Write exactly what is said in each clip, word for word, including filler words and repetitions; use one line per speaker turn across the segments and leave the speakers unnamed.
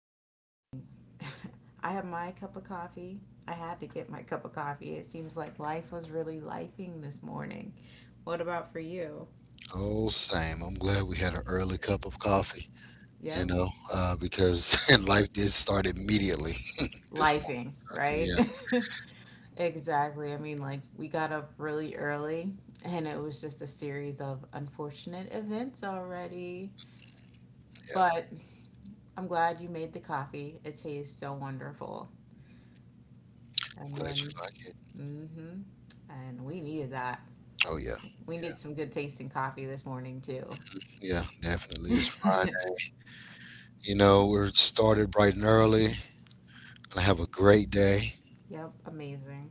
good morning. I have my cup of coffee. I had to get my cup of coffee. It seems like life was really lifing this morning. What about for you?
Oh, same. I'm glad we had an early cup of coffee, you
Yep,
know, uh, because life did start immediately this
lifing,
morning. Yeah,
right? Exactly. I mean, like, we got up really early, and it was just a series of unfortunate events already.
yeah.
But I'm glad you made the coffee. It tastes so wonderful. And
Glad you
then,
like it.
mm hmm, and we needed that.
Oh, yeah.
We did some good tasting coffee this morning too.
Yeah, yeah, definitely. It's Friday. You know, we're started bright and early. Gonna have a great day.
Yep, amazing.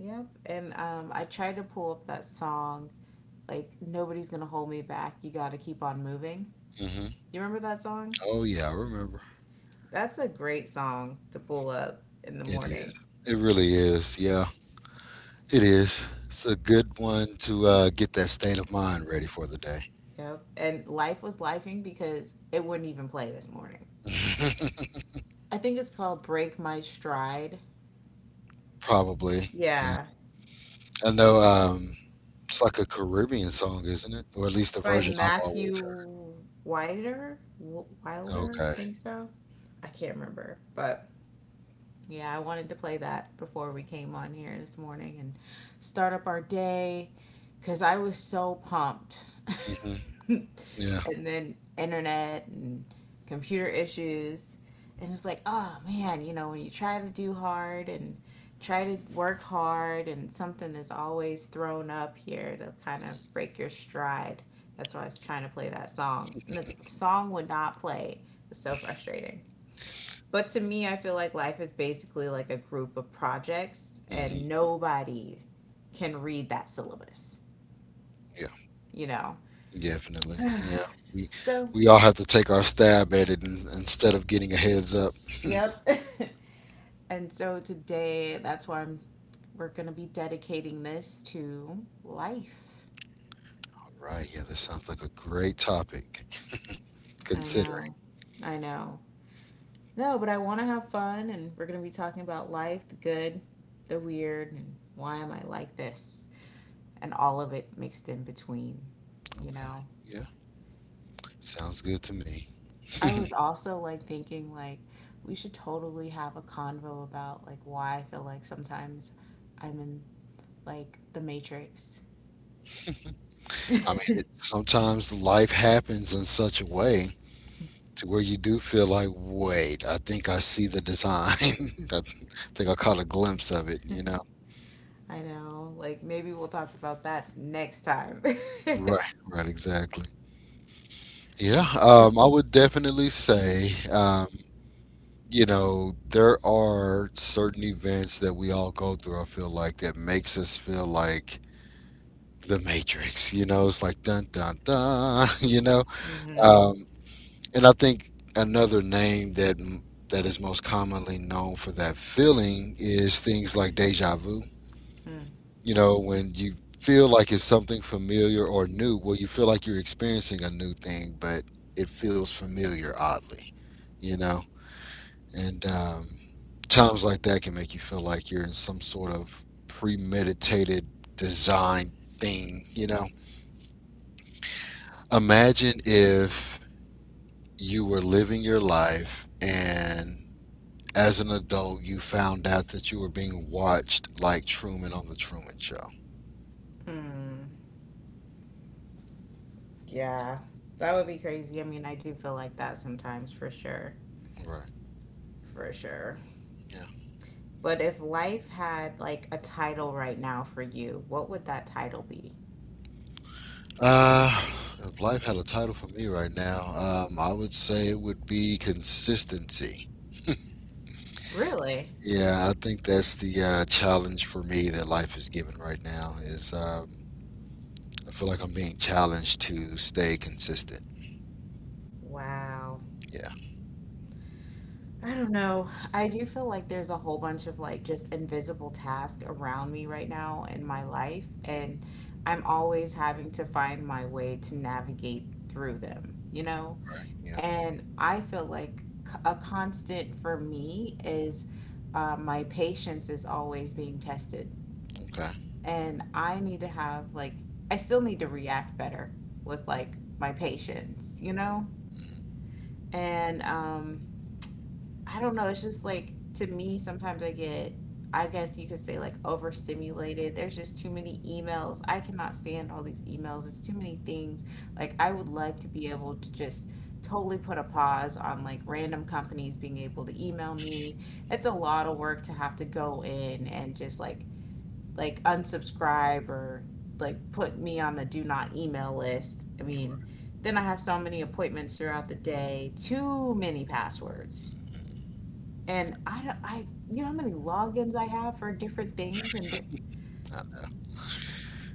Yep, and um, I tried to pull up that song, like, Nobody's Gonna Hold Me Back, You Gotta Keep On Moving.
Hmm
You remember that song?
Oh, yeah, I remember.
That's a great song to pull up in the
It is.
morning.
It really is. Yeah, it is. It's a good one to uh, get that state of mind ready for the day.
Yep, and life was lifing because it wouldn't even play this morning. I think it's called Break My Stride.
Probably. Yeah.
Yeah,
I know. Um, It's like a Caribbean song, isn't it? Or at least the
by
version I've always heard.
Matthew Wilder. Wilder,
Okay.
I think so. I can't remember, but yeah, I wanted to play that before we came on here this morning and start up our day because I was so pumped.
Hmm. Yeah.
And then internet and computer issues. And it's like, oh man, you know, when you try to do hard and try to work hard and something is always thrown up here to kind of break your stride. That's why I was trying to play that song. And the song would not play. It was so frustrating. But to me, I feel like life is basically like a group of projects,
Hmm.
and nobody can read that syllabus,
Yeah.
you know?
Definitely. Yeah. We
So,
we all have to take our stab at it in, instead of getting a heads up.
yep. And so today, that's why I'm, we're going to be dedicating this to life.
Right. Yeah. That sounds like a great topic.
I
Considering.
know. I know. No, but I want to have fun, and we're going to be talking about life the good, the weird, and why am I like this? And all of it mixed in between, you
Okay.
know?
Yeah. Sounds good to me.
I was also like thinking like we should totally have a convo about like why I feel like sometimes I'm in like the matrix.
I mean,
I
it, sometimes life happens in such a way to where you do feel like, wait, I think I see the design. I think I caught a glimpse of it. You know.
know, like maybe we'll talk about that next time.
Right. Right. Exactly. Yeah, um, I would definitely say, um, you know, there are certain events that we all go through, I feel like, that makes us feel like the Matrix, you know, it's like dun dun dun, you know.
Hmm
Um, and I think another name that that is most commonly known for that feeling is things like deja vu. You know, when you feel like it's something familiar or new, well, you feel like you're experiencing a new thing, but it feels familiar oddly, you know? And um, times like that can make you feel like you're in some sort of premeditated design thing, you know? Imagine if you were living your life and as an adult you found out that you were being watched like Truman on the Truman Show.
hmm. Yeah, that would be crazy. I mean, I do feel like that sometimes for sure.
Right.
For sure.
Yeah.
But if life had like a title right now for you, what would that title be?
Uh, if life had a title for me right now, um, I would say it would be consistency.
Really?
Yeah, I think that's the uh, challenge for me that life is given right now is um, I feel like I'm being challenged to stay consistent.
Wow.
Yeah.
I don't know. I do feel like there's a whole bunch of like just invisible tasks around me right now in my life, and I'm always having to find my way to navigate through them, you know?
Right. Yeah.
And I feel like c- a constant for me is uh, my patience is always being tested,
Okay.
and I need to have like, I still need to react better with like my patience, you know? And, um, I don't know. It's just like to me, sometimes I get, I guess you could say like overstimulated. There's just too many emails. I cannot stand all these emails. It's too many things. Like I would like to be able to just totally put a pause on like random companies being able to email me. It's a lot of work to have to go in and just like like unsubscribe or like put me on the do not email list. I mean, then I have so many appointments throughout the day. Too many passwords. And I don't, I, you know how many logins I have for different things and di-
I know.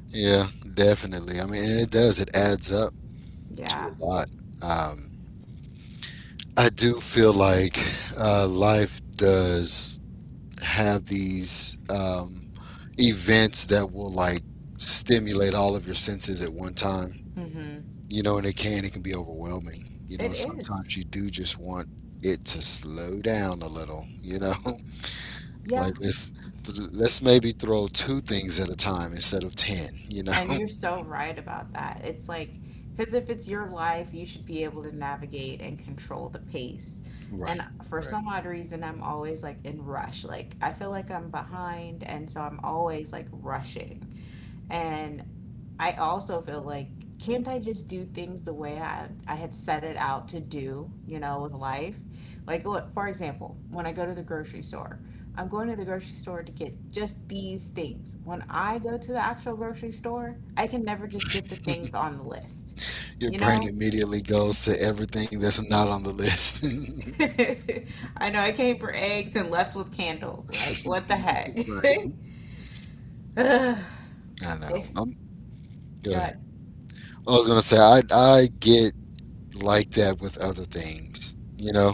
Yeah, definitely. I mean, and it does. It adds up to a
yeah.
lot. Um, I do feel like uh, life does have these um, events that will like stimulate all of your senses at one time.
Mm-hmm.
You know, and it can it can be overwhelming. You know,
It is.
sometimes you do just want it to slow down a little. You know,
Yeah.
like let's th- let's maybe throw two things at a time instead of ten. You know,
And you're so right about that. It's like, because if it's your life, you should be able to navigate and control the pace. And
right,
for
right.
some odd reason, I'm always like in rush. Like, I feel like I'm behind. And so I'm always like rushing. And I also feel like, can't I just do things the way I, I had set it out to do, you know, with life? Like, look, for example, when I go to the grocery store, I'm going to the grocery store to get just these things. When I go to the actual grocery store, I can never just get the things on the list.
Your
You
brain
know?
immediately goes to everything that's not on the list.
I know I came for eggs and left with candles. Like, what the heck?
right.
Ugh.
I know.
If,
I'm, go
go
ahead.
ahead.
I was gonna say I I get like that with other things. You know,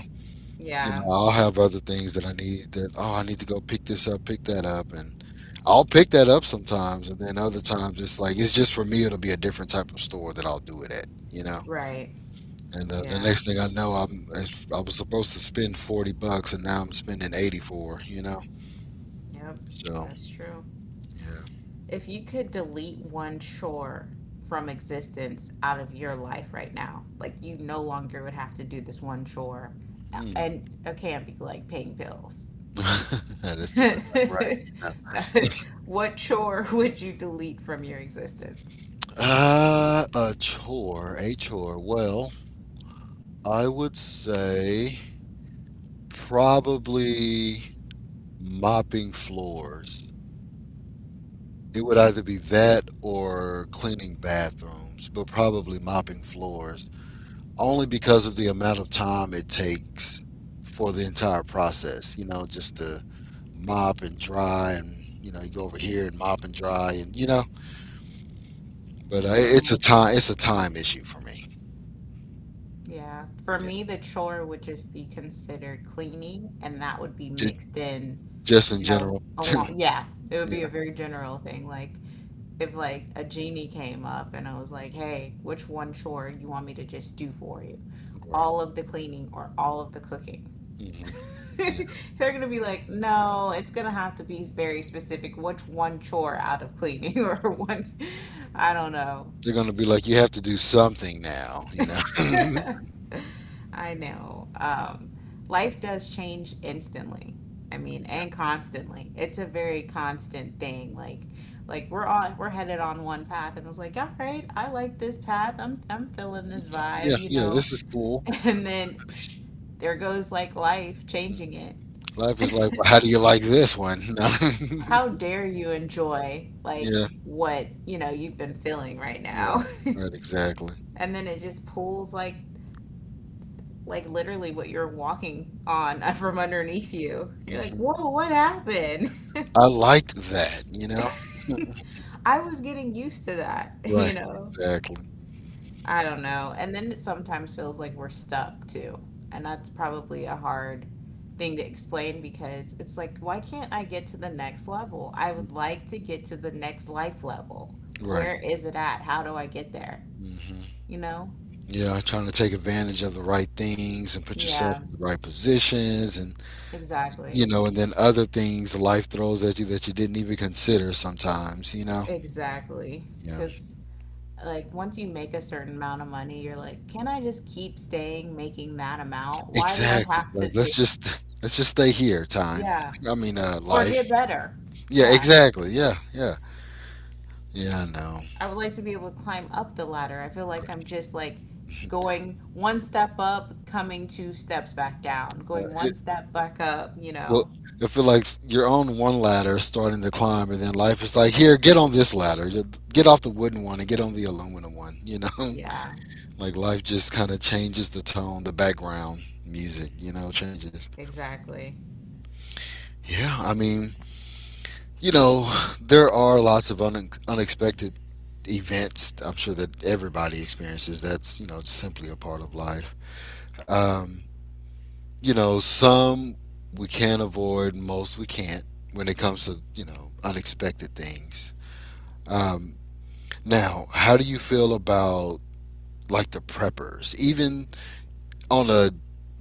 you know,
Yeah,
I'll have other things that I need that oh, I need to go pick this up, pick that up and I'll pick that up sometimes and then other times it's like it's just for me it'll be a different type of store that I'll do it at, you know.
right.
And uh, the
Yeah,
next thing I know I'm I was supposed to spend forty bucks and now I'm spending eighty-four, you know.
yep,
So,
that's true.
yeah.
If you could delete one chore from existence out of your life right now, like you no longer would have to do this one chore,
Mm.
and it can't be like paying bills.
That's too much like right.
What chore would you delete from your existence?
Uh, a chore, a chore. Well, I would say probably mopping floors. It would either be that or cleaning bathrooms, but probably mopping floors, only because of the amount of time it takes for the entire process, you know, just to mop and dry and, you know, you go over here and mop and dry and, you know, but uh, it's a
Mm,
time it's a time issue for me.
yeah, for
Yeah.
me, the chore would just be considered cleaning, and that would be
J-
mixed in,
just in
you know,
general.
along. Yeah, it would
Yeah.
be a very general thing. Like, if like a genie came up and I was like, "Hey, which one chore you want me to just do for you?
Right.
All of the cleaning or all of the cooking?"
Hmm. Yeah.
They're gonna be like, "No, it's gonna have to be very specific. Which one chore out of cleaning or one? I don't know."
They're going to be like you have to do something now, you know.
I know. Um, life does change instantly. I mean,
Yeah,
and constantly. It's a very constant thing. Like, like we're all we're headed on one path, and it's like, all right, I like this path. I'm I'm feeling this
yeah,
vibe, you
yeah.
know.
This is cool.
And then, psh, there goes like life
Mm.
changing it.
Life is like, well, how do you like this one?
How dare you enjoy
No. Yeah,
like what you know you've been feeling right
right,
now?
right, exactly.
And then it just pulls like like literally what you're walking on from underneath you. You're like,
Hmm.
whoa, what happened?
I liked that, you know.
I was getting used to that, you
Right,
know?
exactly.
I don't know. And then it sometimes feels like we're stuck too. And that's probably a hard thing to explain because it's like, why can't I get to the next level? I would
Mm.
like to get to the next life level.
Right.
Where is it at? How do I get there?
Hmm.
You know?
Yeah, trying to take advantage of the right things and put yourself
Yeah,
in the right positions, and you
exactly.
know, and then other things life throws at you that you didn't even consider sometimes, you know.
Exactly.
Yeah.
Because like once you make a certain amount of money, you're like, can I just keep staying making that amount? Why do I
Exactly.
have to
Like
just,
let's just let's just stay here, time.
yeah,
I mean, uh,
or
life.
get better?
Yeah,
Yeah.
exactly. Yeah, yeah, yeah. I know.
I would like to be able to climb up the ladder. I feel like I'm just like going one step up, coming two steps back down,
Yeah,
going one
It,
step back up, you
well,
know?
I feel like s- you're on one ladder, starting to climb, and then life is like, here, get on this ladder. Just get off the wooden one and get on the aluminum one. You know,
Yeah,
like life just kind of changes the tone, the background music. You know, changes.
exactly.
Yeah, I mean, you know, there are lots of un- unexpected events. I'm sure that everybody experiences. That's you know simply a part of life. Um, you know, some we can avoid, most we can't when it comes to, you know, unexpected things. Um, now, how do you feel about like the preppers? Even on a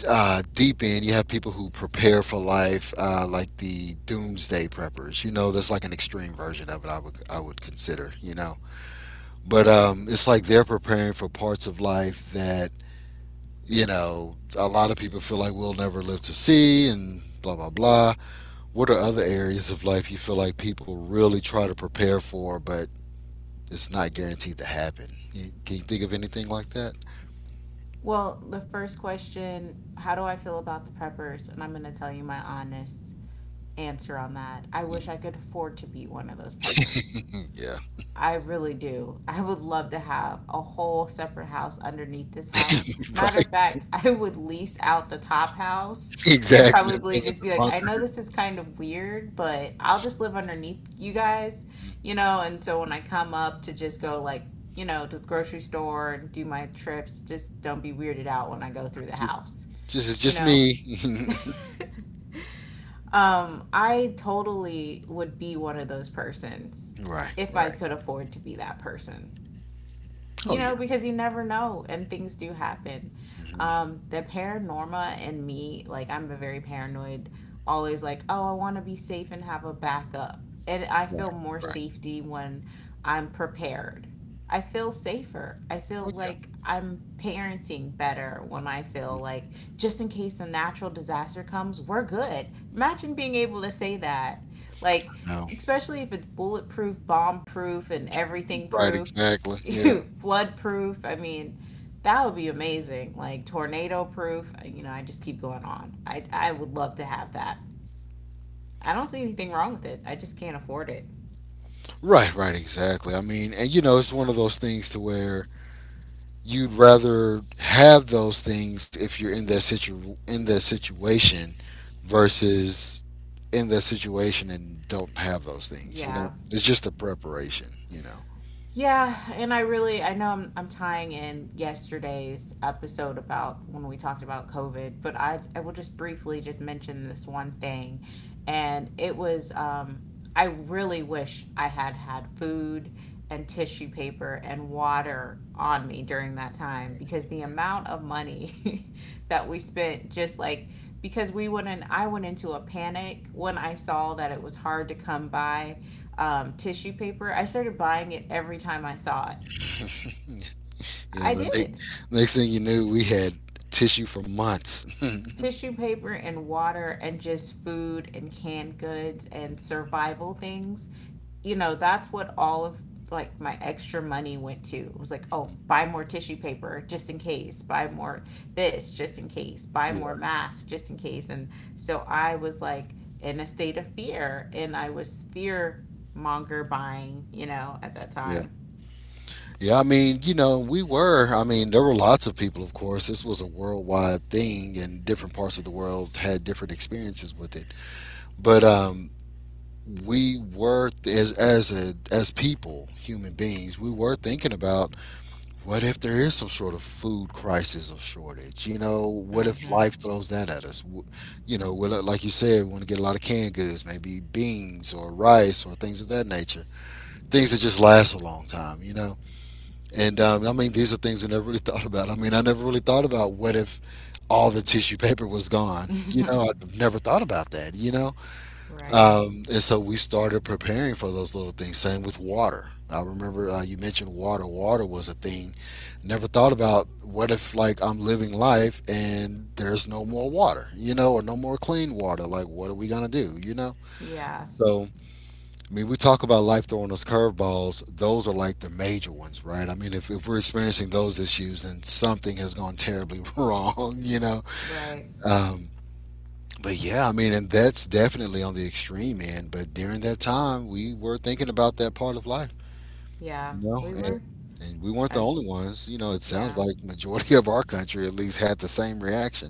uh, deep end, you have people who prepare for life, uh, like the doomsday preppers. You know, that's like an extreme version of it. I would I would consider. You know, but um, it's like they're preparing for parts of life that you know a lot of people feel like we'll never live to see, and blah blah blah. What are other areas of life you feel like people really try to prepare for, but it's not guaranteed to happen? You- Can you think of anything like that?
Well, the first question, how do I feel about the preppers? And I'm going to tell you my honest answer on that. I
Mhm.
wish I could afford to be one of those preppers.
Yeah,
I really do. I would love to have a whole separate house underneath this house. Matter
right.
of fact, I would lease out the top house and
Exactly.
probably
Live in
just
the
be like, I know
bunker.
this is kind of weird, but I'll just live underneath you guys,
Mhm.
you know? And so when I come up to just go, like, you know, to the grocery store and do my trips, just don't be weirded out when I go through the
Just,
house,
just it's
you
just
know?
me.
Um, I totally would be one of those persons
right,
if I
right.
could afford to be that person. You
Oh
know,
yeah.
because you never know and things do happen.
Hmm.
Um, the paranorma in me, like I'm a very paranoid, always like, oh, I want to be safe and have a backup. And I
Right,
feel more
right.
safety when I'm prepared. I feel safer. I feel
Oh yeah.
like I'm parenting better when I feel
Mhm.
like just in case a natural disaster comes, we're good. Imagine being able to say that. Like,
No.
especially if it's bulletproof, bomb proof, and everything
Right,
proof.
exactly. Yeah.
Flood proof. I mean, that would be amazing. Like tornado proof. uh, You know, I just keep going on. I I would love to have that. I don't see anything wrong with it. I just can't afford it.
Right, right, exactly. I mean, and you know, it's one of those things to where you'd rather have those things if you're in that situ in that situation versus in their situation and don't have those things. You know,
Yeah.
it's just the preparation. You know,
Yeah, and I really I know I'm I'm tying in yesterday's episode about when we talked about COVID, but I I will just briefly just mention this one thing and it was um I really wish I had had food and tissue paper and water on me during that time because the amount of money that we spent just like because we went in I went into a panic when I saw that it was hard to come by, um, tissue paper. I started buying it every time I saw it.
yeah.
I
The
did
next, next thing you knew, we had tissue for months.
tissue paper and water and just food and canned goods and survival things, you know. That's what all of like my extra money went to. It was like, oh, buy more tissue paper just in case, buy more this just in case, buy more
Right.
masks just in case. And so I was like in a state of fear and I was fear monger buying, you know, at that
Yeah.
time.
Yeah. I mean, you know, we were. I mean, there were lots of people, of course. This was a worldwide thing, and different parts of the world had different experiences with it. But um, we were as as a as people, human beings, we were thinking about what if there is some sort of food crisis or shortage? You know, what if
Hmm.
life throws that at us? W- You know, well, uh, like you said, we want to get a lot of canned goods, maybe beans or rice or things of that nature. Things that just last a long time, you know? And um, I mean, these are things we never really thought about. I mean, I never really thought about what if all the tissue paper was gone. You know, I've never thought about that, you know?
Right.
Um, and so we started preparing for those little things. Same with water. I remember uh, you mentioned water. Water was a thing. Never thought about what if like I'm living life and there's no more water, you know, or no more clean water. Like what are we gonna do, you know?
Yeah,
So I mean, we talk about life throwing us curveballs. Those are like the major ones, right? I mean, if, if we're experiencing those issues, then something has gone terribly wrong, you know.
right.
Um, but yeah, I mean, and that's definitely on the extreme end. But during that time, we were thinking about that part of life,
Yeah,
you know,
we
and
were.
and we weren't the
And
only ones. You know, it sounds
yeah,
like majority of our country at least had the same reaction.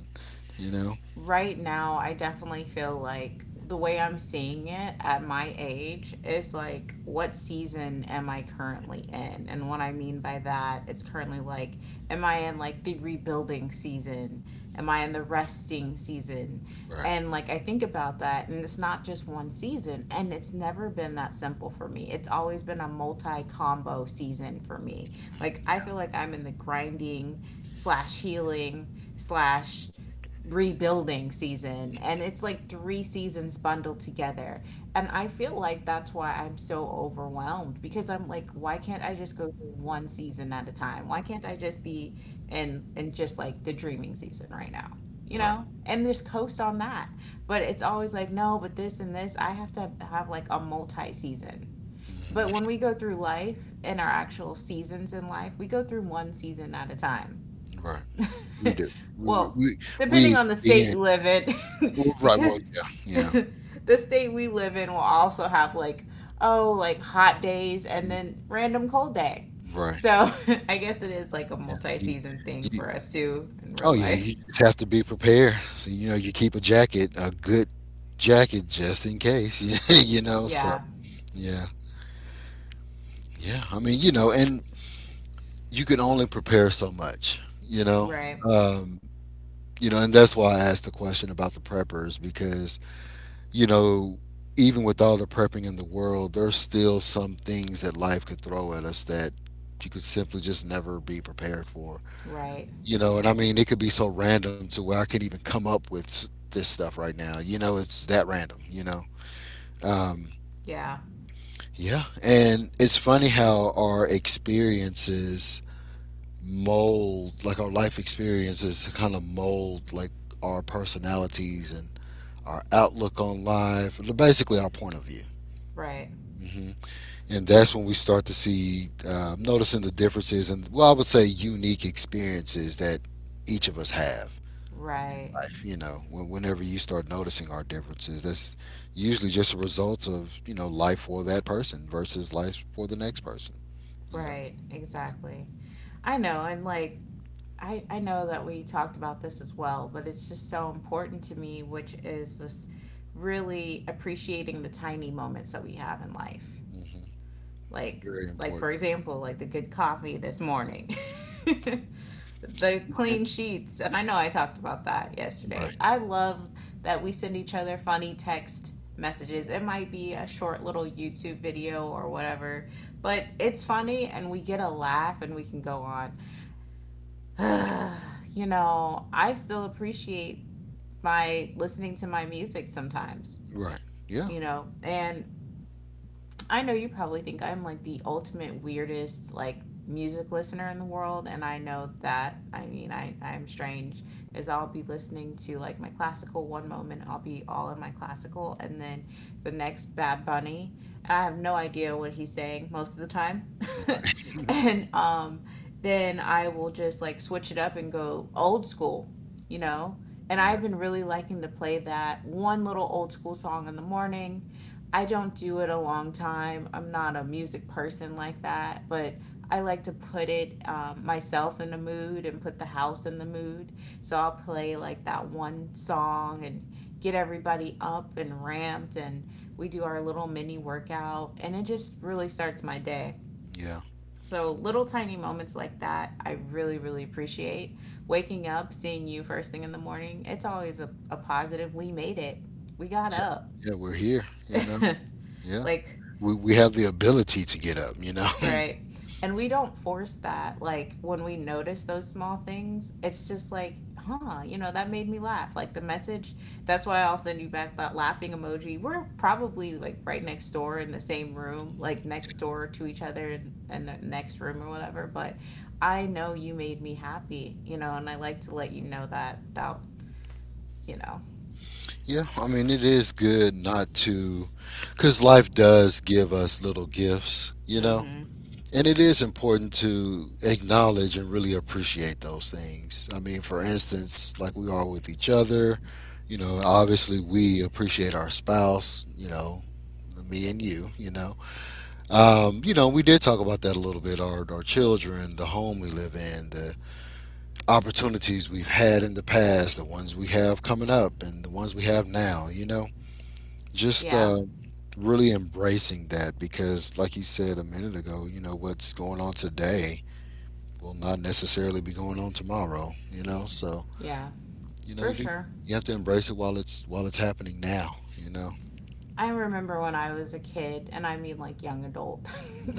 You know,
right now I definitely feel like the way I'm seeing it at my age is like what season am I currently in? And what I mean by that, it's currently like am I in like the rebuilding season? Am I in the resting season?
right,
And like I think about that, and it's not just one season and it's never been that simple for me. It's always been a multi combo season for me. Like I feel like I'm in the grinding slash healing slash rebuilding season and it's like three seasons bundled together. And I feel like that's why I'm so overwhelmed, because I'm like, why can't I just go through one season at a time? Why can't I just be in in just like the dreaming season right now, you
right,
know, and just coast on that? But it's always like, no, but this and this, I have to have like a multi season. But when
hmm
we go through life and our actual seasons in life, we go through one season at a time.
right. We do. We we
Well,
we, we
depending on the state you
experience.
live in,
Well, right. Well,
because
yeah, yeah.
the state we live in will also have like, oh, like hot days and
Mhm.
then random cold day.
Right.
So I guess it is like a
Yeah.
multi
You-
season thing
you-
for us too in real
oh yeah,
life.
you just have to be prepared. So you know, you keep a jacket, a good jacket, just in case. you know, so.
Yeah,
Yeah. Yeah, I mean, you know, and you can only prepare so much, you know.
right,
Um, you know, and that's why I asked the question about the preppers because, you know, even with all the prepping in the world, there's still some things that life could throw at us that you could simply just never be prepared for.
right.
You know, and I mean, it could be so random to where I can't even come up with s- this stuff right now. You know, it's that random, you know. Um,
Yeah,
yeah, and it's funny how our experiences mold like our life experiences to kind of mold like our personalities and our outlook on life, basically our point of view.
right,
Hmm. And that's when we start to see, uh, noticing the differences and, well, I would say unique experiences that each of us have. In
right,
life, you know, when, whenever you start noticing our differences, that's usually just a result of, you know, life for that person versus life for the next person, you know.
right. Exactly. I know. And like, I, I know that we talked about this as well, but it's just so important to me, which is just really appreciating the tiny moments that we have in life.
Hmm.
Like
Very
like
important.
for example, like the good coffee this morning, the
And,
clean sheets, and I know I talked about that yesterday.
right.
I love that we send each other funny text messages. It might be a short little YouTube video or whatever, but it's funny and we get a laugh and we can go on. You know, I still appreciate my listening to my music sometimes,
Right. Yeah.
you know. And I know you probably think I'm like the ultimate weirdest like music listener in the world, and I know that, I mean, I I'm strange, as I'll be listening to like my classical one moment, I'll be all in my classical, and then the next Bad Bunny, and I have no idea what he's saying most of the time. and um then I will just like switch it up and go old school, you know? And
Yeah,
I've been really liking to play that one little old school song in the morning. I don't do it a long time. I'm not a music person like that, but I like to put it, um, myself in the mood, and put the house in the mood. So I'll play like that one song and get everybody up and ramped, and we do our little mini workout, and it just really starts my day.
yeah,
So little tiny moments like that, I really, really appreciate. Waking up, seeing you first thing in the morning, it's always a, a positive. We made it. We got
yeah,
up.
yeah. We're here, you know. Yeah,
like
we we have the ability to get up, you know.
Right. And we don't force that. Like when we notice those small things, it's just like, huh, you know, that made me laugh. Like the message, that's why I'll send you back that laughing emoji. We're probably like right next door in the same room, like next door to each other and in, in the next room or whatever. But I know you made me happy, you know, and I like to let you know that without, you know.
Yeah, I mean it is good not to, because life does give us little gifts, you
Mm
know,
hmm.
and it is important to acknowledge and really appreciate those things. I mean, for instance, like we are with each other, you know. Obviously, we appreciate our spouse, you know, me and you, you know. Um, you know, we did talk about that a little bit. Our our children, the home we live in, the opportunities we've had in the past, the ones we have coming up, and the ones we have now. You know, just
Yeah.
um, really embracing that because, like you said a minute ago, you know what's going on today will not necessarily be going on tomorrow. You know, so
Yeah.
you know
For
you do
sure.
you have to embrace it while it's while it's happening now. You know,
I remember when I was a kid, and I mean like young adult.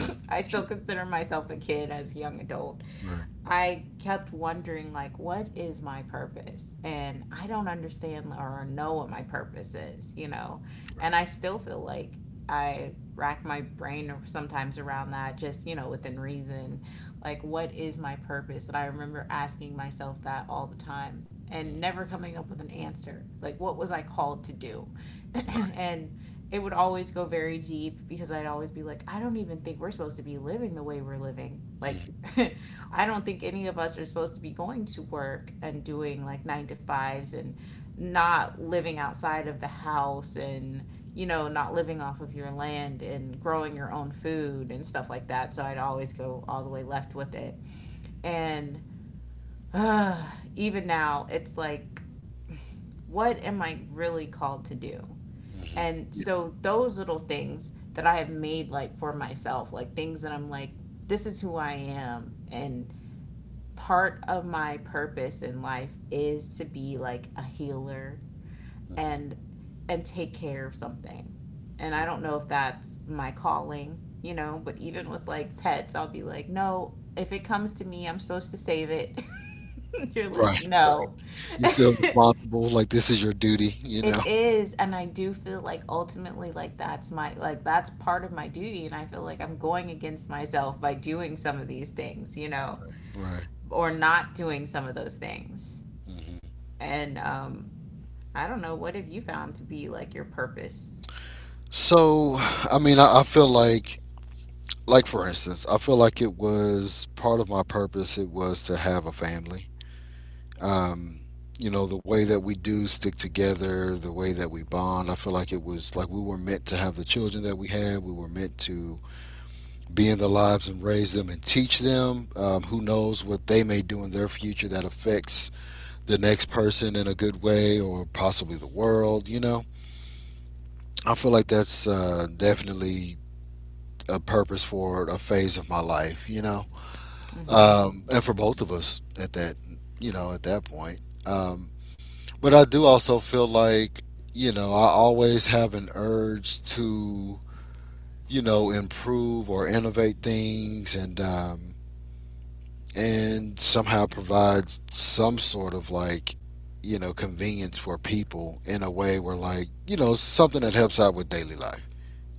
I still consider myself a kid as a young adult.
right,
I kept wondering, like, what is my purpose? And I don't understand or know what my purpose is, you know.
right,
And I still feel like I rack my brain sometimes around that, just, you know, within reason. Like, what is my purpose? And I remember asking myself that all the time and
mm,
never coming up with an answer. Like, what was I called to do?
right,
and it would always go very deep, because I'd always be like, I don't even think we're supposed to be living the way we're living. Like,
hmm,
I don't think any of us are supposed to be going to work and doing like nine to fives and not living outside of the house and, you know, not living off of your land and growing your own food and stuff like that. So I'd always go all the way left with it. And even now, it's like, what am I really called to do?
hmm,
And
yeah,
so those little things that I have made like for myself, like things that I'm like, this is who I am. And part of my purpose in life is to be like a healer
hmm,
and and take care of something. And I don't know if that's my calling, you know, but even with like pets, I'll be like, no, if it comes to me, I'm supposed to save it. You're like,
right.
no,
Right. You feel responsible, like this is your duty, you know?
It is, and I do feel like ultimately, like that's my, like that's part of my duty, and I feel like I'm going against myself by doing some of these things, you know,
Right.
or not doing some of those things.
Hmm.
And um, I don't know, what have you found to be like your purpose?
So, I mean, I, I feel like, like for instance, I feel like it was part of my purpose. It was to have a family. Um, you know, the way that we do stick together, the way that we bond. I feel like it was like we were meant to have the children that we had. We were meant to be in their lives and raise them and teach them. Um, who knows what they may do in their future that affects the next person in a good way or possibly the world, you know? I feel like that's uh, definitely a purpose for a phase of my life, you know?
Mm-hmm.
Um, and for both of us at that, you know, at that point. Um, but I do also feel like, you know, I always have an urge to, you know, improve or innovate things, and, um, and somehow provides some sort of like, you know, convenience for people in a way where, like, you know, something that helps out with daily life,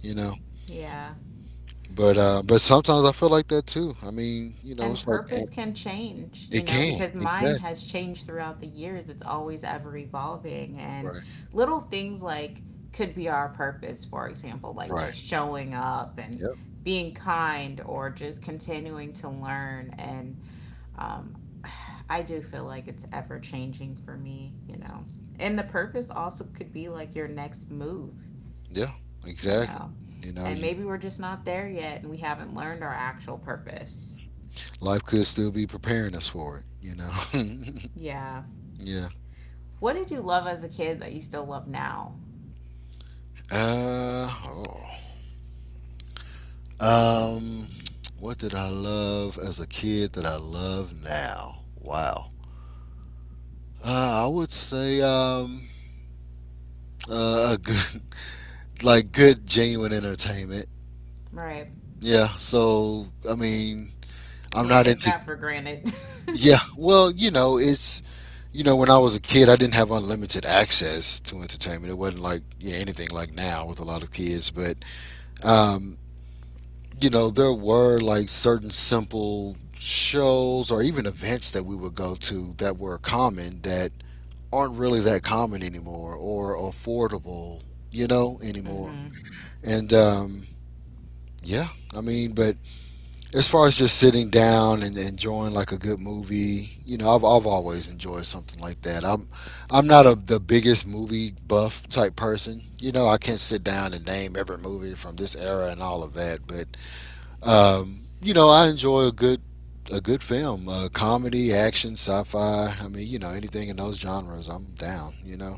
you know.
Yeah.
But uh but sometimes I feel like that too. I mean, you know,
And
it's like. And
purpose can change, you
it
know,
can.
because mine
Exactly.
has changed throughout the years. It's always ever evolving. And
Right,
little things like could be our purpose, for example, like just
right.
showing up and being kind, or just continuing to learn. And um, I do feel like it's ever changing for me, you know.
Yep.
And the purpose also could be like your next move,
Yeah,
you
exactly.
know.
You know
And
you.
maybe we're just not there yet and we haven't learned our actual purpose.
Life could still be preparing us for it, you know.
Yeah.
Yeah.
What did you love as a kid that you still love now?
Uh oh. Um, what did I love as a kid that I love now? Wow. Uh, I would say um uh, a good like good genuine entertainment.
Right.
Yeah. So I mean, I'm
Can't
not
take
into.
that for granted.
Yeah. Well, you know, it's, you know, when I was a kid, I didn't have unlimited access to entertainment. It wasn't like, yeah, anything like now with a lot of kids, but um you know, there were like certain simple shows or even events that we would go to that were common that aren't really that common anymore or affordable, you know, anymore.
hmm
And um, yeah, I mean, but as far as just sitting down and enjoying like a good movie, you know, I've, I've always enjoyed something like that. I'm I'm not a, the biggest movie buff type person. You know, I can't sit down and name every movie from this era and all of that, but um, you know, I enjoy a good a good film, uh, comedy, action, sci-fi. I mean, you know, anything in those genres, I'm down. You know.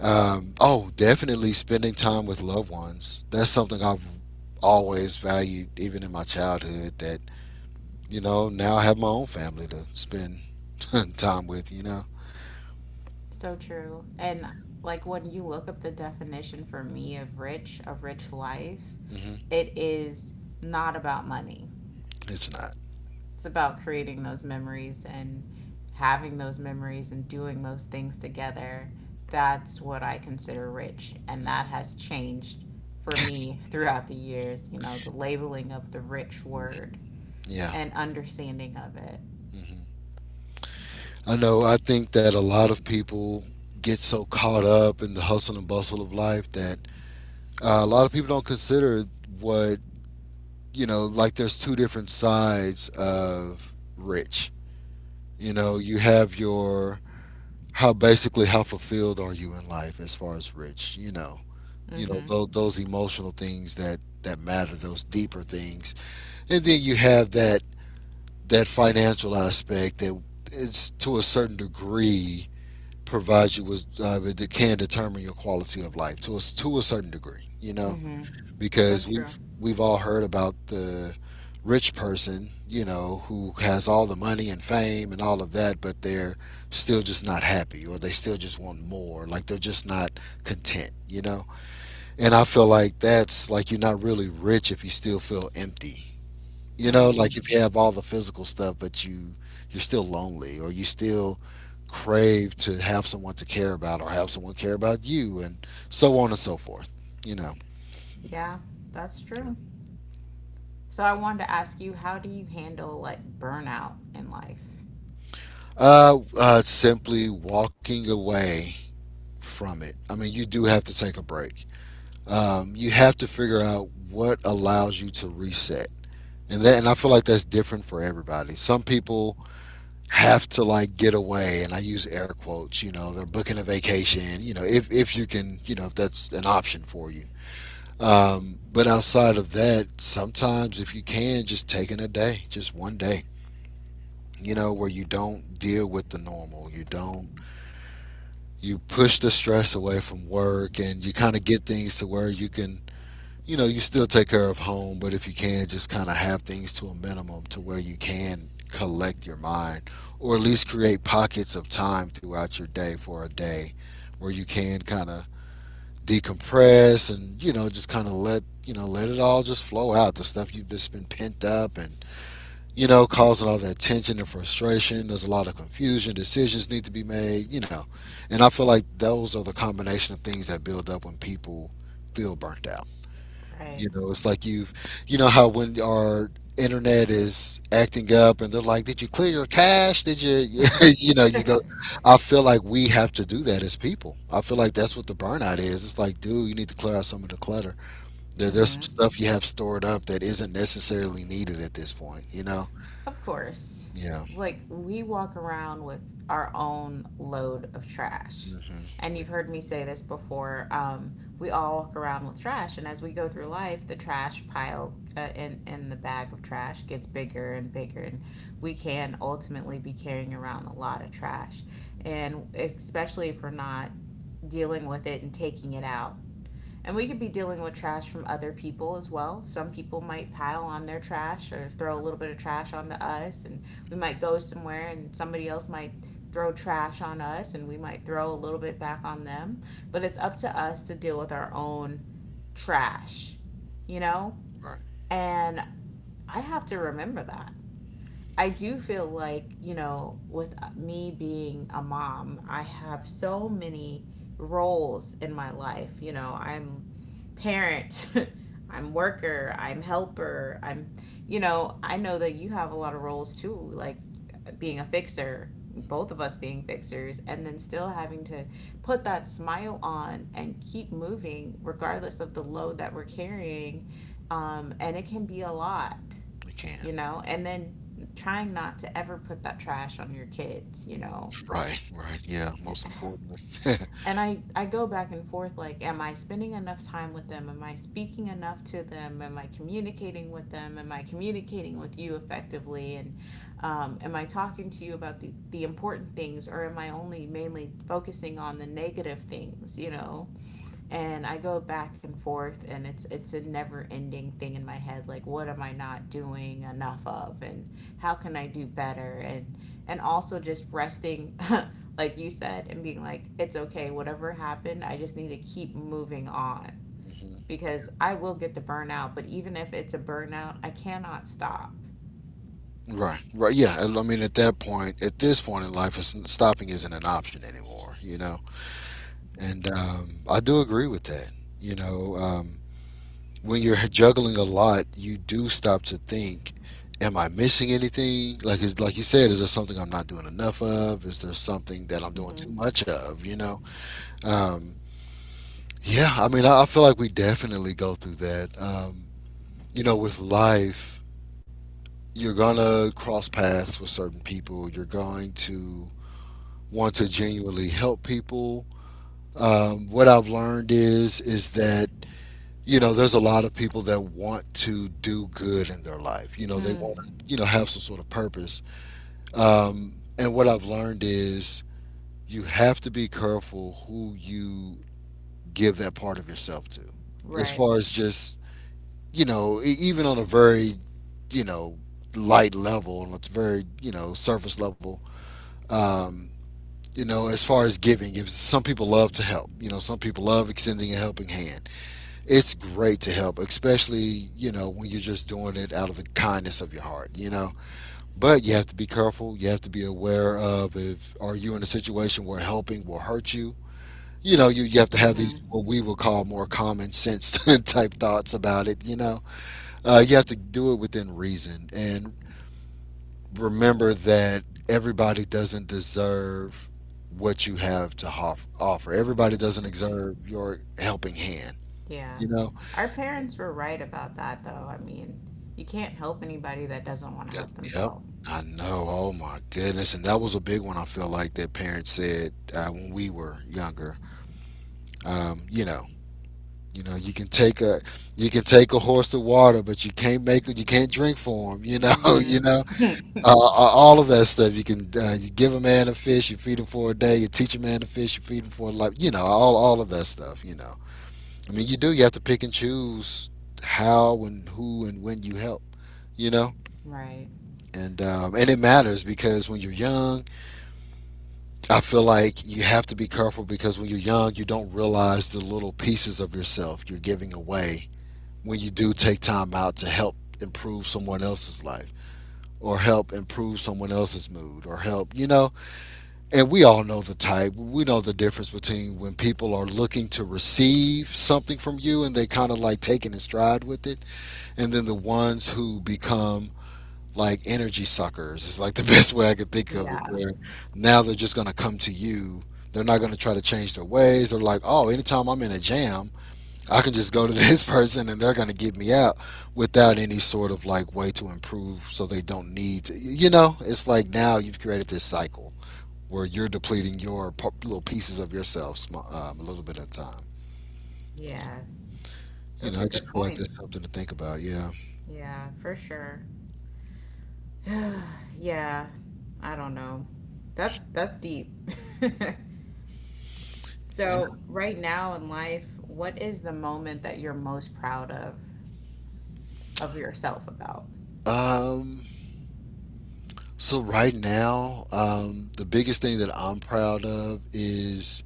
Um, oh, definitely spending time with loved ones. That's something I've always valued, even in my childhood. That, you know, now I have my own family to spend time with. You know,
So true. And like when you look up the definition for me of rich, a rich life,
hmm,
it is not about money.
it's not.
It's about creating those memories and having those memories and doing those things together. That's what I consider rich. And
Mhm.
that has changed for me throughout the years, you know, the labeling of the rich word
Yeah.
and understanding of it.
Hmm. I know. I think that a lot of people get so caught up in the hustle and bustle of life that, Uh, a lot of people don't consider what, you know. Like, there's two different sides of rich. You know, you have your, how basically how fulfilled are you in life as far as rich. You know, you know
Mm-hmm.
those those emotional things that that matter, those deeper things, and then you have that that financial aspect that, it's to a certain degree provides you with uh, that can determine your quality of life to a, to a certain degree, you know,
Mm-hmm. So
because
true.
we've we've all heard about the rich person, you know, who has all the money and fame and all of that, but they're still just not happy, or they still just want more. Like they're just not content, you know? And I feel like that's like you're not really rich if you still feel empty. You know,
Mm.
like if you have all the physical stuff but you, you're still lonely, or you still crave to have someone to care about or have someone care about you and so on and so forth, you know.
Yeah, that's true. So I wanted to ask you, how do you handle like burnout in life?
Uh, uh, simply walking away from it. I mean, you do have to take a break. Um, you have to figure out what allows you to reset. And that, and I feel like that's different for everybody. Some people have to like get away, and I use air quotes. You know, they're booking a vacation. You know, if if you can, you know, if that's an option for you. Um, but outside of that, sometimes if you can, just taking a day, just one day. You know, where you don't deal with the normal, you don't, you push the stress away from work and you kind of get things to where you can, you know, you still take care of home, but if you can just kind of have things to a minimum to where you can collect your mind, or at least create pockets of time throughout your day for a day where you can kind of decompress, and you know, just kind of let, you know, let it all just flow out, the stuff you've just been pent up, and you know, causing all that tension and frustration. There's a lot of confusion. Decisions need to be made, you know. And I feel like those are the combination of things that build up when people feel burnt out. You
Right.
know, it's like you've, you know, how when our internet is acting up and they're like, did you clear your cache? Did you, you know, you go, I feel like we have to do that as people. I feel like that's what the burnout is. It's like, dude, you need to clear out some of the clutter. There, there's some stuff you have stored up that isn't necessarily needed at this point, you know?
Of course.
Yeah.
Like, we walk around with our own load of trash.
Hmm.
And
We.
you've heard me say this before. Um, we all walk around with trash, and as we go through life, the trash pile, uh, in in the bag of trash, gets bigger and bigger, and we can ultimately be carrying around a lot of trash, and
Mhm.
especially if we're not dealing with it and taking it out, and we could be dealing with trash from other people as well. Some people might pile on their trash or throw a little bit of trash onto us, and we might go somewhere and somebody else might throw trash on us and we might throw a little bit back on them. But it's up to us to deal with our own trash, you know?
Right.
And I have to remember that. I do feel like, you know, with uh, me being a mom, I have so many roles in my life. You know, I'm parent, I'm worker, I'm helper, I'm, you know, I know that you have a lot of roles too, like being a fixer, both of us being fixers, and then still having to put that smile on and keep moving regardless of the load that we're carrying. Um, and it can be a lot,
We can.
you know, and then trying not to ever put that trash on your kids, you know.
Right. Right. Yeah. Most importantly.
And I, I go back and forth like, am I spending enough time with them? Am I speaking enough to them? Am I communicating with them? Am I communicating with you effectively? And um, am I talking to you about the, the important things, or am I only mainly focusing on the negative things, you know? And I go back and forth and it's it's a never ending thing in my head, like, what am I not doing enough of, and how can I do better, and and also just resting, like you said, and being like, it's okay, whatever happened, I just need to keep moving on,
Hmm.
because I will get the burnout, but even if it's a burnout, I cannot stop.
Right. Right. Yeah. And I mean, at that point, at this point in life, it's, stopping isn't an option anymore. You know. And um, I do agree with that. You know, um, when you're juggling a lot, you do stop to think. Am I missing anything? Like, is, like you said, is there something I'm not doing enough of? Is there something that I'm doing
Mm-hmm.
too much of? You know, Um, yeah, I mean, I I feel like we definitely go through that. Um, you know, with life, you're gonna cross paths with certain people. You're going to want to genuinely help people. Um, what I've learned is is that, you know, there's a lot of people that want to do good in their life. You know, they want
Mm-hmm.
to, you know, have some sort of purpose. Um, and what I've learned is you have to be careful who you give that part of yourself to, as
Right.
far as just, you know, e- even on a very, you know, light level, and it's very, you know, surface level, um, you know, as far as giving, if some people love to help, you know, some people love extending a helping hand. It's great to help, especially, you know, when you're just doing it out of the kindness of your heart, you know. But you have to be careful. You have to be aware of, if are you in a situation where helping will hurt you. You know, you, you have to have these,
Mm-hmm.
what we would call, more common sense type thoughts about it, you know. Uh, you have to do it within reason and remember that everybody doesn't deserve what you have to hof- offer. Everybody doesn't deserve your helping hand.
Yeah,
You know.
our parents were right about that, though. I mean, you can't help anybody that doesn't want to
That,
help
yep.
themselves.
I know. Oh my goodness. And that was a big one. I feel like that parents said uh, when we were younger. Um, you know. You know. You can take a. You can take a horse to water, but you can't make. You can't drink for him. You know.
Hmm
You know. Uh, all of that stuff. You can uh, you give a man a fish, you feed him for a day. You teach a man to fish, you feed him for a life. You know, all all of that stuff. You know, I mean, you do. You have to pick and choose how and who and when you help. You know,
Right.
and um, and it matters because when you're young, I feel like you have to be careful because when you're young, you don't realize the little pieces of yourself you're giving away when you do take time out to help improve someone else's life or help improve someone else's mood or help you know And we all know the type. We know the difference between when people are looking to receive something from you and they kind of like taking in stride with it, and then the ones who become like energy suckers. It's like the best way I could think of it.
Yeah,
Where now they're just going to come to you. They're not going to try to change their ways. They're like, oh, anytime I'm in a jam, I can just go to this person and they're going to get me out without any sort of like way to improve, so they don't need to. You know, it's like now you've created this cycle where you're depleting your p- little pieces of yourself sm- um, a little bit at a time.
yeah.
You
Those
know,
are
I
good
just feel like that's
points.
something to think about. Yeah.
Yeah, for sure. Yeah, I don't know. That's that's deep.
Yeah.
So, right now in life, what is the moment that you're most proud of of yourself about?
Um, so right now, um, the biggest thing that I'm proud of is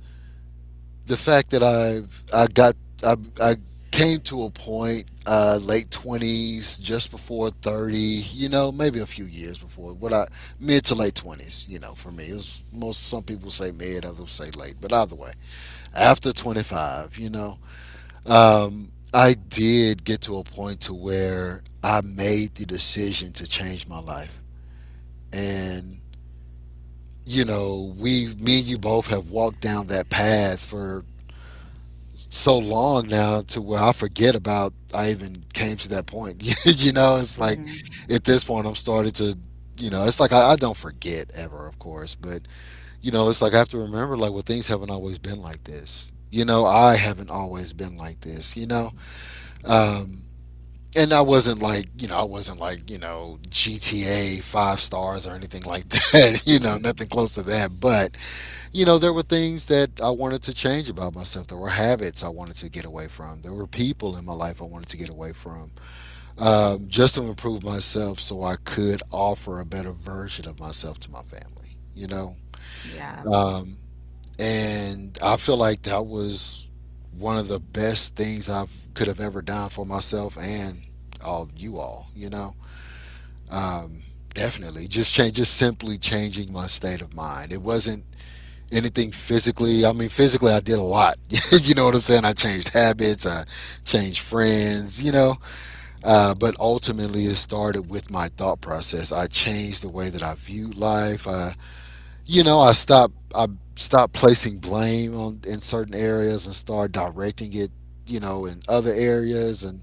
the fact that I've I got I I came to a point uh, late twenties, just before thirty. You know, maybe a few years before what I mid to late twenties. You know, for me, it was most some people say mid, others say late, but either way, after twenty five, you know, Um, I did get to a point to where I made the decision to change my life. And you know, we me and you both have walked down that path for so long now to where I forget about I even came to that point. You know, it's like
Hmm
at this point I'm starting to, you know, it's like I, I don't forget ever, of course, but you know, it's like I have to remember, like, well, things haven't always been like this. You know, I haven't always been like this, you know. Um and I wasn't like, you know I wasn't like you know G T A five stars or anything like that, you know, nothing close to that. But you know, there were things that I wanted to change about myself. There were habits I wanted to get away from. There were people in my life I wanted to get away from, um, just to improve myself so I could offer a better version of myself to my family, you know.
Yeah,
Um, and I feel like that was one of the best things I could have ever done for myself and all you all. You know, um, definitely just change, just simply changing my state of mind. It wasn't anything physically. I mean, physically, I did a lot. You know what I'm saying? I changed habits. I changed friends. You know, uh, but ultimately, it started with my thought process. I changed the way that I viewed life. I you know, I stopped I stopped placing blame on in certain areas and started directing it, you know, in other areas. And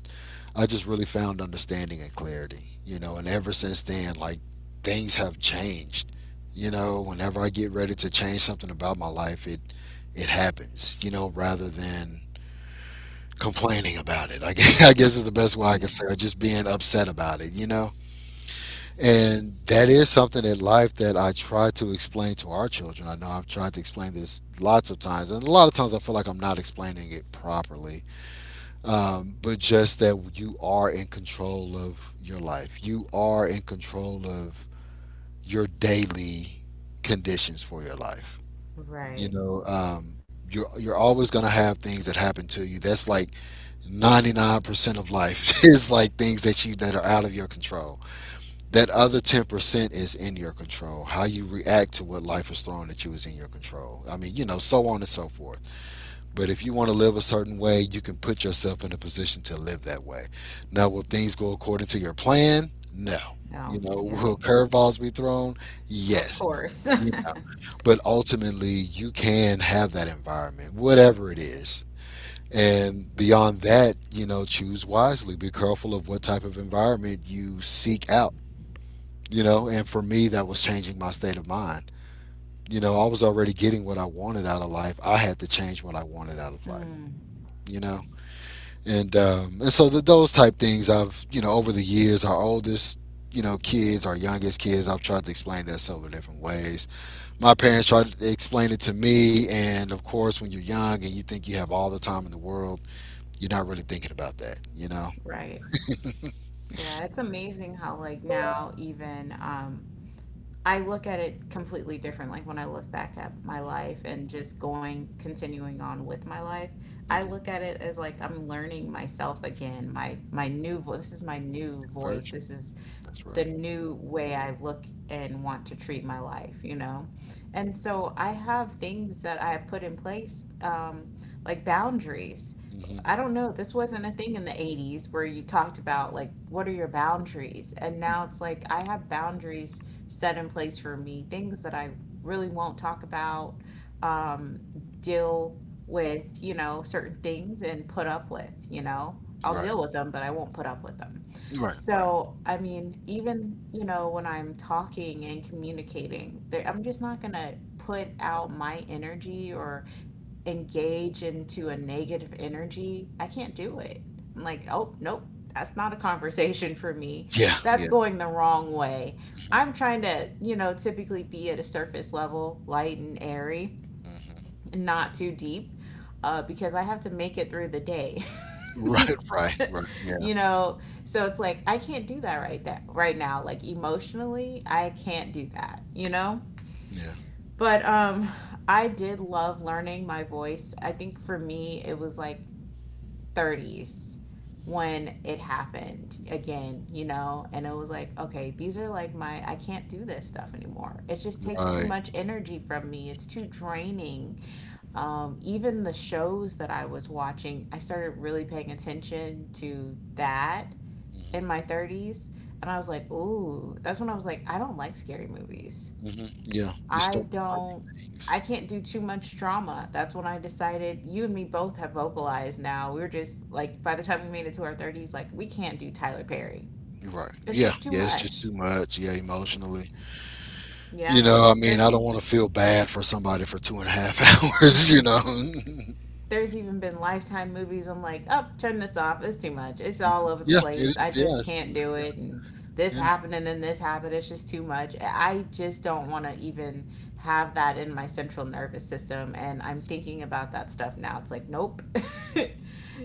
I just really found understanding and clarity, you know. And ever since then, like, things have changed. You know, whenever I get ready to change something about my life, it it happens, you know, rather than complaining about it. I guess, I guess is the best way I can say it, just being upset about it, you know? And that is something in life that I try to explain to our children. I know I've tried to explain this lots of times, and a lot of times I feel like I'm not explaining it properly. Um, but just that you are in control of your life, you are in control of your daily conditions for your life.
right.
You know, um, you're, you're always going to have things that happen to you. That's like ninety-nine percent of life. is like things that you, that are out of your control. That other ten percent is in your control. How you react to what life is throwing at you is in your control. I mean, you know, so on and so forth. But if you want to live a certain way, you can put yourself in a position to live that way. Now, will things go according to your plan? No. You
No,
know,
yeah,
will curveballs be thrown?
of
Yes.
course.
You know, but ultimately, you can have that environment, whatever it is. And beyond that, you know, choose wisely. Be careful of what type of environment you seek out. You know, and for me, that was changing my state of mind. You know, I was already getting what I wanted out of life. I had to change what I wanted out of life,
Mm,
you know. And um, and so th those type things I've, you know, over the years, our oldest, you know, kids, our youngest kids, I've tried to explain that several different ways. My parents tried to explain it to me, and of course, when you're young and you think you have all the time in the world, you're not really thinking about that, you know.
right. Right. Yeah, it's amazing how like now even um I look at it completely different. Like when I look back at my life and just going, continuing on with my life, I
Hmm.
look at it as like I'm learning myself again. My my new voice. This is my new voice.
Virgin.
This is
That's
the
right.
new way I look and want to treat my life. You know, and so I have things that I put in place. Um, like boundaries. I don't
Hmm.
know, this wasn't a thing in the eighties where you talked about like what are your boundaries? And now it's like I have boundaries set in place for me, things that I really won't talk about, deal with, you know, certain things and put up with, you know. I'll
Right,
deal with them, but I won't put up with them.
right, right.
So, I mean, even, you know, when I'm talking and communicating, there, I'm just not going to put out my energy or engage into a negative energy, I can't do it. I'm like, oh, nope, that's not a conversation for me.
Yeah,
That's
yeah.
going the wrong way. I'm
Hmm.
trying to, you know, typically be at a surface level, light and airy, not too deep, uh, because I have to make it through the day,
Right, right, right. Yeah,
you know? So it's like, I can't do that right that right now. Like emotionally, I can't do that, you know?
yeah.
But um, I did love learning my voice. I think for me, it was like thirties when it happened again, you know? And it was like, okay, these are like my, I can't do this stuff anymore. It just takes too
Right.
much energy from me. It's too draining. Um, even the shows that I was watching, I started really paying attention to that in my
Hmm.
thirties. And I was like, ooh, that's when I was like, I don't like scary movies.
Hmm. Yeah, you
I
start finding
don't,
things.
I can't do too much drama. That's when I decided, you and me both have vocalized now. We're just like, by the time we made it to our thirties, like, we can't do Tyler Perry.
Right.
It's
Yeah,
just too
yeah. It's just
much.
too much. Yeah, emotionally. You
Yeah.
know, I mean,
There's
I don't want to feel bad for somebody for two and a half hours. You know.
there's even been lifetime movies. I'm like, oh, turn this off, it's too much, it's all over the
Yeah, it
place,
is.
I
Yeah,
just
it's too
can't
much.
do
Yeah,
it, and this
yeah.
happened and then this happened, it's just too much, I just don't want to even have that in my central nervous system, and I'm thinking about that stuff now, it's like, nope,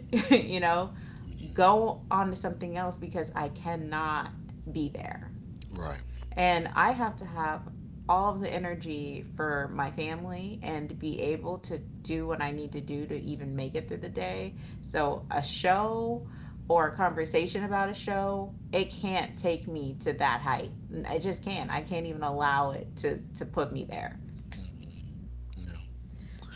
you know,
Hmm.
go on to something else, because I cannot be there.
Right.
And I have to have all of the energy for my family and be able to do what I need to do to even make it through the day. So, a show or a conversation about a show, it can't take me to that height. I just can't. I can't even allow it to to put me there.
Yeah.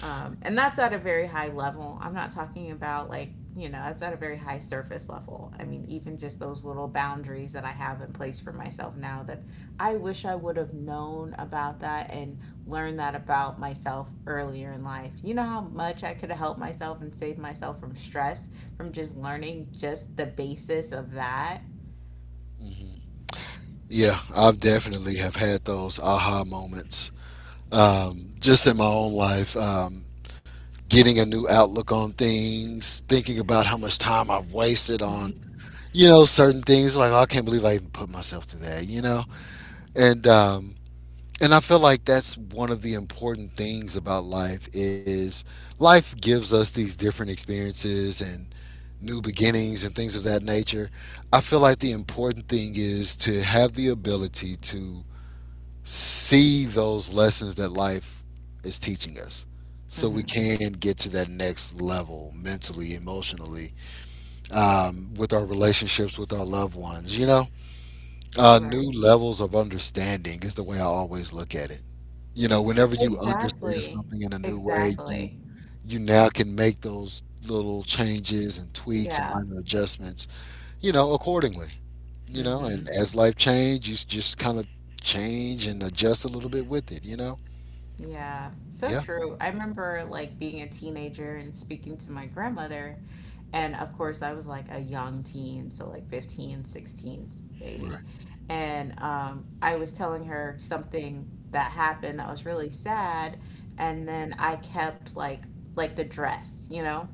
Um, and that's at a very high level. I'm not talking about like, you know, that's at a very high surface level. I mean, even just those little boundaries that I have in place for myself now, that I wish I would have known about that and learned that about myself earlier in life. You know how much I could have helped myself and saved myself from stress from just learning just the basis of that?
Hmm. Yeah, I've definitely have had those aha moments. Um, just in my own life, um, getting a new outlook on things, thinking about how much time I've wasted on, you know, certain things, like, oh, I can't believe I even put myself through that, you know. And um, and I feel like that's one of the important things about life is life gives us these different experiences and new beginnings and things of that nature. I feel like the important thing is to have the ability to see those lessons that life is teaching us so we
hmm
can get to that next level mentally, emotionally, um, with our relationships with our loved ones, you know? Uh,
Right.
new levels of understanding is the way I always look at it. You know, whenever you understand
Exactly.
something in a new way, you
Exactly.
you now can make those little changes and tweaks and
Yeah.
minor adjustments, you know, accordingly. You know,
Mm-hmm.
and as life change, you s- just kind of change and adjust a little bit with it. You know,
Yeah, so
yeah,
true. I remember like being a teenager and speaking to my grandmother, and of course I was like a young teen, so like fifteen, sixteen, maybe.
right,
And um I was telling her something that happened that was really sad, and then I kept like like the dress, you know?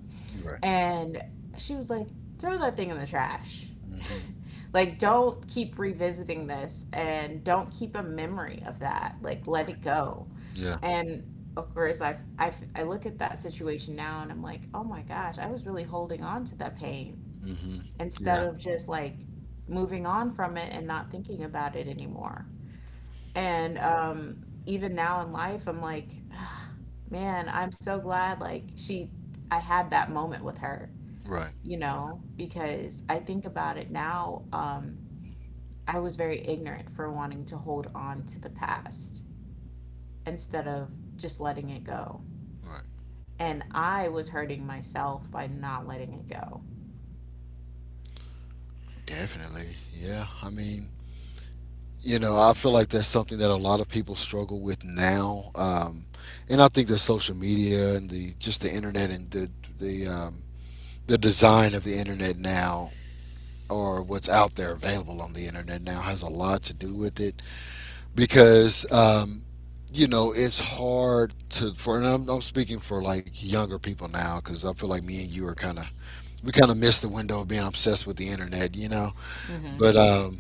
right.
And she was like, "Throw that thing in the trash."
Hmm.
Like, don't keep revisiting this and don't keep a memory of that. Like, let
Right,
it go.
yeah.
And of course, I, I, I look at that situation now and I'm like, oh my gosh, I was really holding on to that pain
Hmm.
instead
Yeah,
of just like moving on from it and not thinking about it anymore. And um, even now in life, I'm like, man, I'm so glad like she, I had that moment with her,
right,
you know, because I think about it now. Um, I was very ignorant for wanting to hold on to the past instead of just letting it go.
right,
And I was hurting myself by not letting it go.
definitely, yeah. I mean, you know, I feel like that's something that a lot of people struggle with now, um, and I think that social media and the just the internet and the the um, the design of the internet now, or what's out there available on the internet now has a lot to do with it, because um, you know, it's hard to, for, and I'm, I'm speaking for like younger people now because I feel like me and you are kind of, we kind of missed the window of being obsessed with the internet, you know,
Hmm
but um,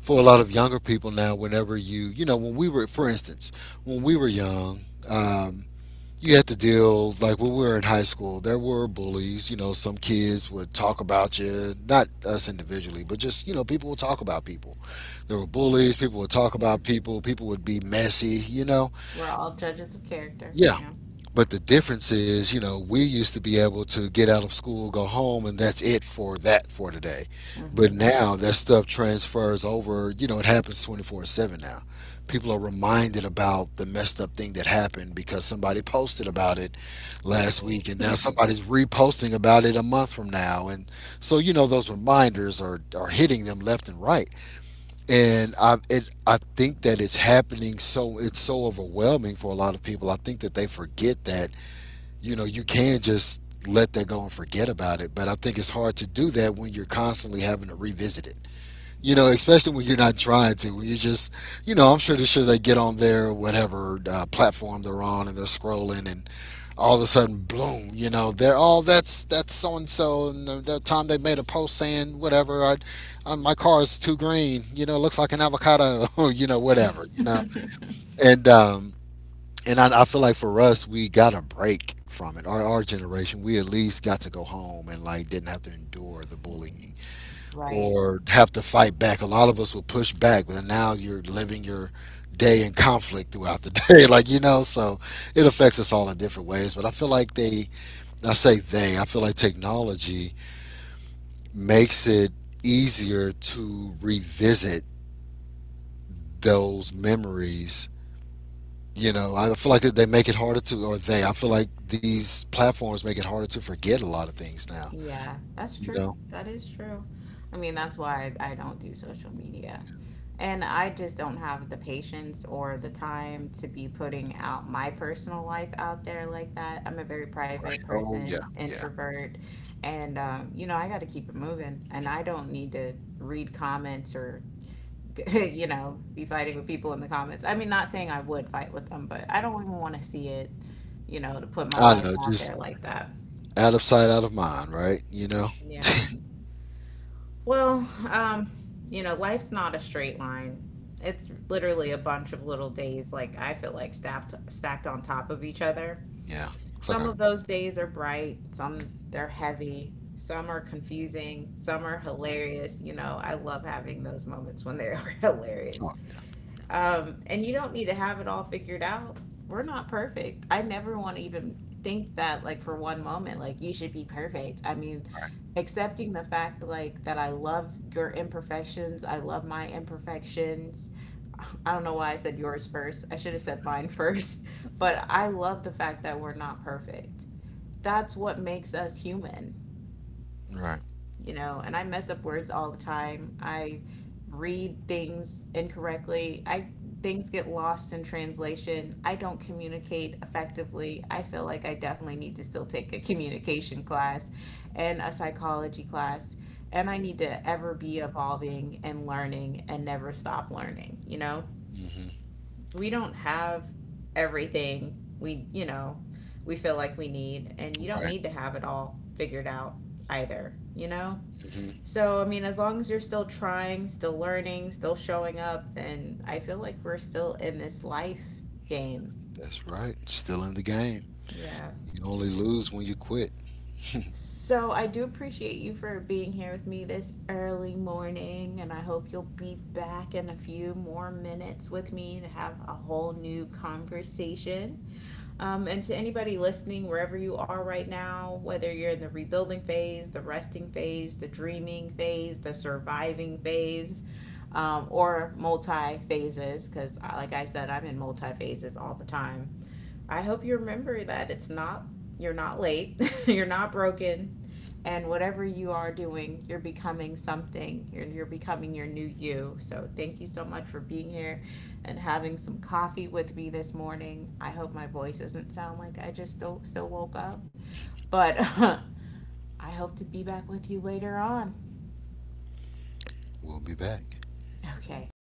for a lot of younger people now, whenever you, you know, when we were, for instance, when we were young, um, you had to deal, like when we were in high school, there were bullies. You know, some kids would talk about you, not us individually, but just, you know, people would talk about people. There were bullies, people would talk
Yeah.
about people, people would be messy, you know.
We're all judges of character.
Yeah,
Yeah.
but the difference is, you know, we used to be able to get out of school, go home, and that's it for that for today. But
hmm
now that stuff transfers over, you know, it happens twenty-four seven now. People are reminded about the messed up thing that happened because somebody posted about it last week, and now somebody's reposting about it a month from now. And so, you know, those reminders are, are hitting them left and right. And I, it, I think that it's happening so, it's so overwhelming for a lot of people. I think that they forget that, you know, you can just let that go and forget about it. But I think it's hard to do that when you're constantly having to revisit it. You know, especially when you're not trying to. When you just, you know, I'm sure sure they get on their whatever uh, platform they're on and they're scrolling, and all of a sudden, bloom. You know, they're all, oh, that's that's so and so, and the, the time they made a post saying whatever. I, uh, my car is too green. You know, it looks like an avocado. You know, whatever. You know, and um, and I, I feel like for us, we got a break from it. Our our generation, we at least got to go home and like didn't have to endure the bullying
Right.
or have to fight back. A lot of us will push back, but now you're living your day in conflict throughout the day, like you know. So it affects us all in different ways. But I feel like they, I say they, I feel like technology makes it easier to revisit those memories. You know, I feel like they make it harder to, or they, I feel like these platforms make it harder to forget a lot of things now.
Yeah, that's
You
true.
know?
That is true. I mean, that's why I don't do social media. And I just don't have the patience or the time to be putting out my personal life out there like that. I'm a very private
Oh, yeah,
person,
yeah.
introvert, and um, you know, I got to keep it moving. And I don't need to read comments or, you know, be fighting with people in the comments. I mean, not saying I would fight with them, but I don't even want to see it, you know, to put my
I
life
know,
out
just
there like that.
out of sight, out of mind, right? You know?
Yeah. Well, um, you know, life's not a straight line. It's literally a bunch of little days, like I feel like stacked stacked on top of each other.
Yeah. It's like
Some
a,
of those days are bright, some
mm,
they're heavy, some are confusing, some are hilarious. You know, I love having those moments when they are
oh,
hilarious. Um, and you don't need to have it all figured out. We're not perfect. I never want to even think that, like, for one moment, like, you should be perfect. I mean,
right,
accepting the fact, like, that I love your imperfections, I love my imperfections. I don't know why I said yours first. I should have said mine first. But I love the fact that we're not perfect. That's what makes us human,
right.
you know, and I mess up words all the time. I read things incorrectly. I things get lost in translation. I don't communicate effectively. I feel like I definitely need to still take a communication class and a psychology class. And I need to ever be evolving and learning and never stop learning, you know?
Hmm.
We don't have everything we, you know, we feel like we need, and you don't
Right.
need to have it all figured out either, you know?
Hmm.
So, I mean, as long as you're still trying, still learning, still showing up, then I feel like we're still in this life game.
That's right. Still in the game.
Yeah.
You only lose when you quit.
So, I do appreciate you for being here with me this early morning, and I hope you'll be back in a few more minutes with me to have a whole new conversation. Um, and to anybody listening, wherever you are right now, whether you're in the rebuilding phase, the resting phase, the dreaming phase, the surviving phase, um, or multi phases, because like I said, I'm in multi phases all the time. I hope you remember that it's not, you're not late, you're not broken, and whatever you are doing, you're becoming something. You're you're becoming your new you. So thank you so much for being here and having some coffee with me this morning. I hope my voice doesn't sound like I just still still woke up, but I hope to be back with you later on.
We'll be back.
Okay.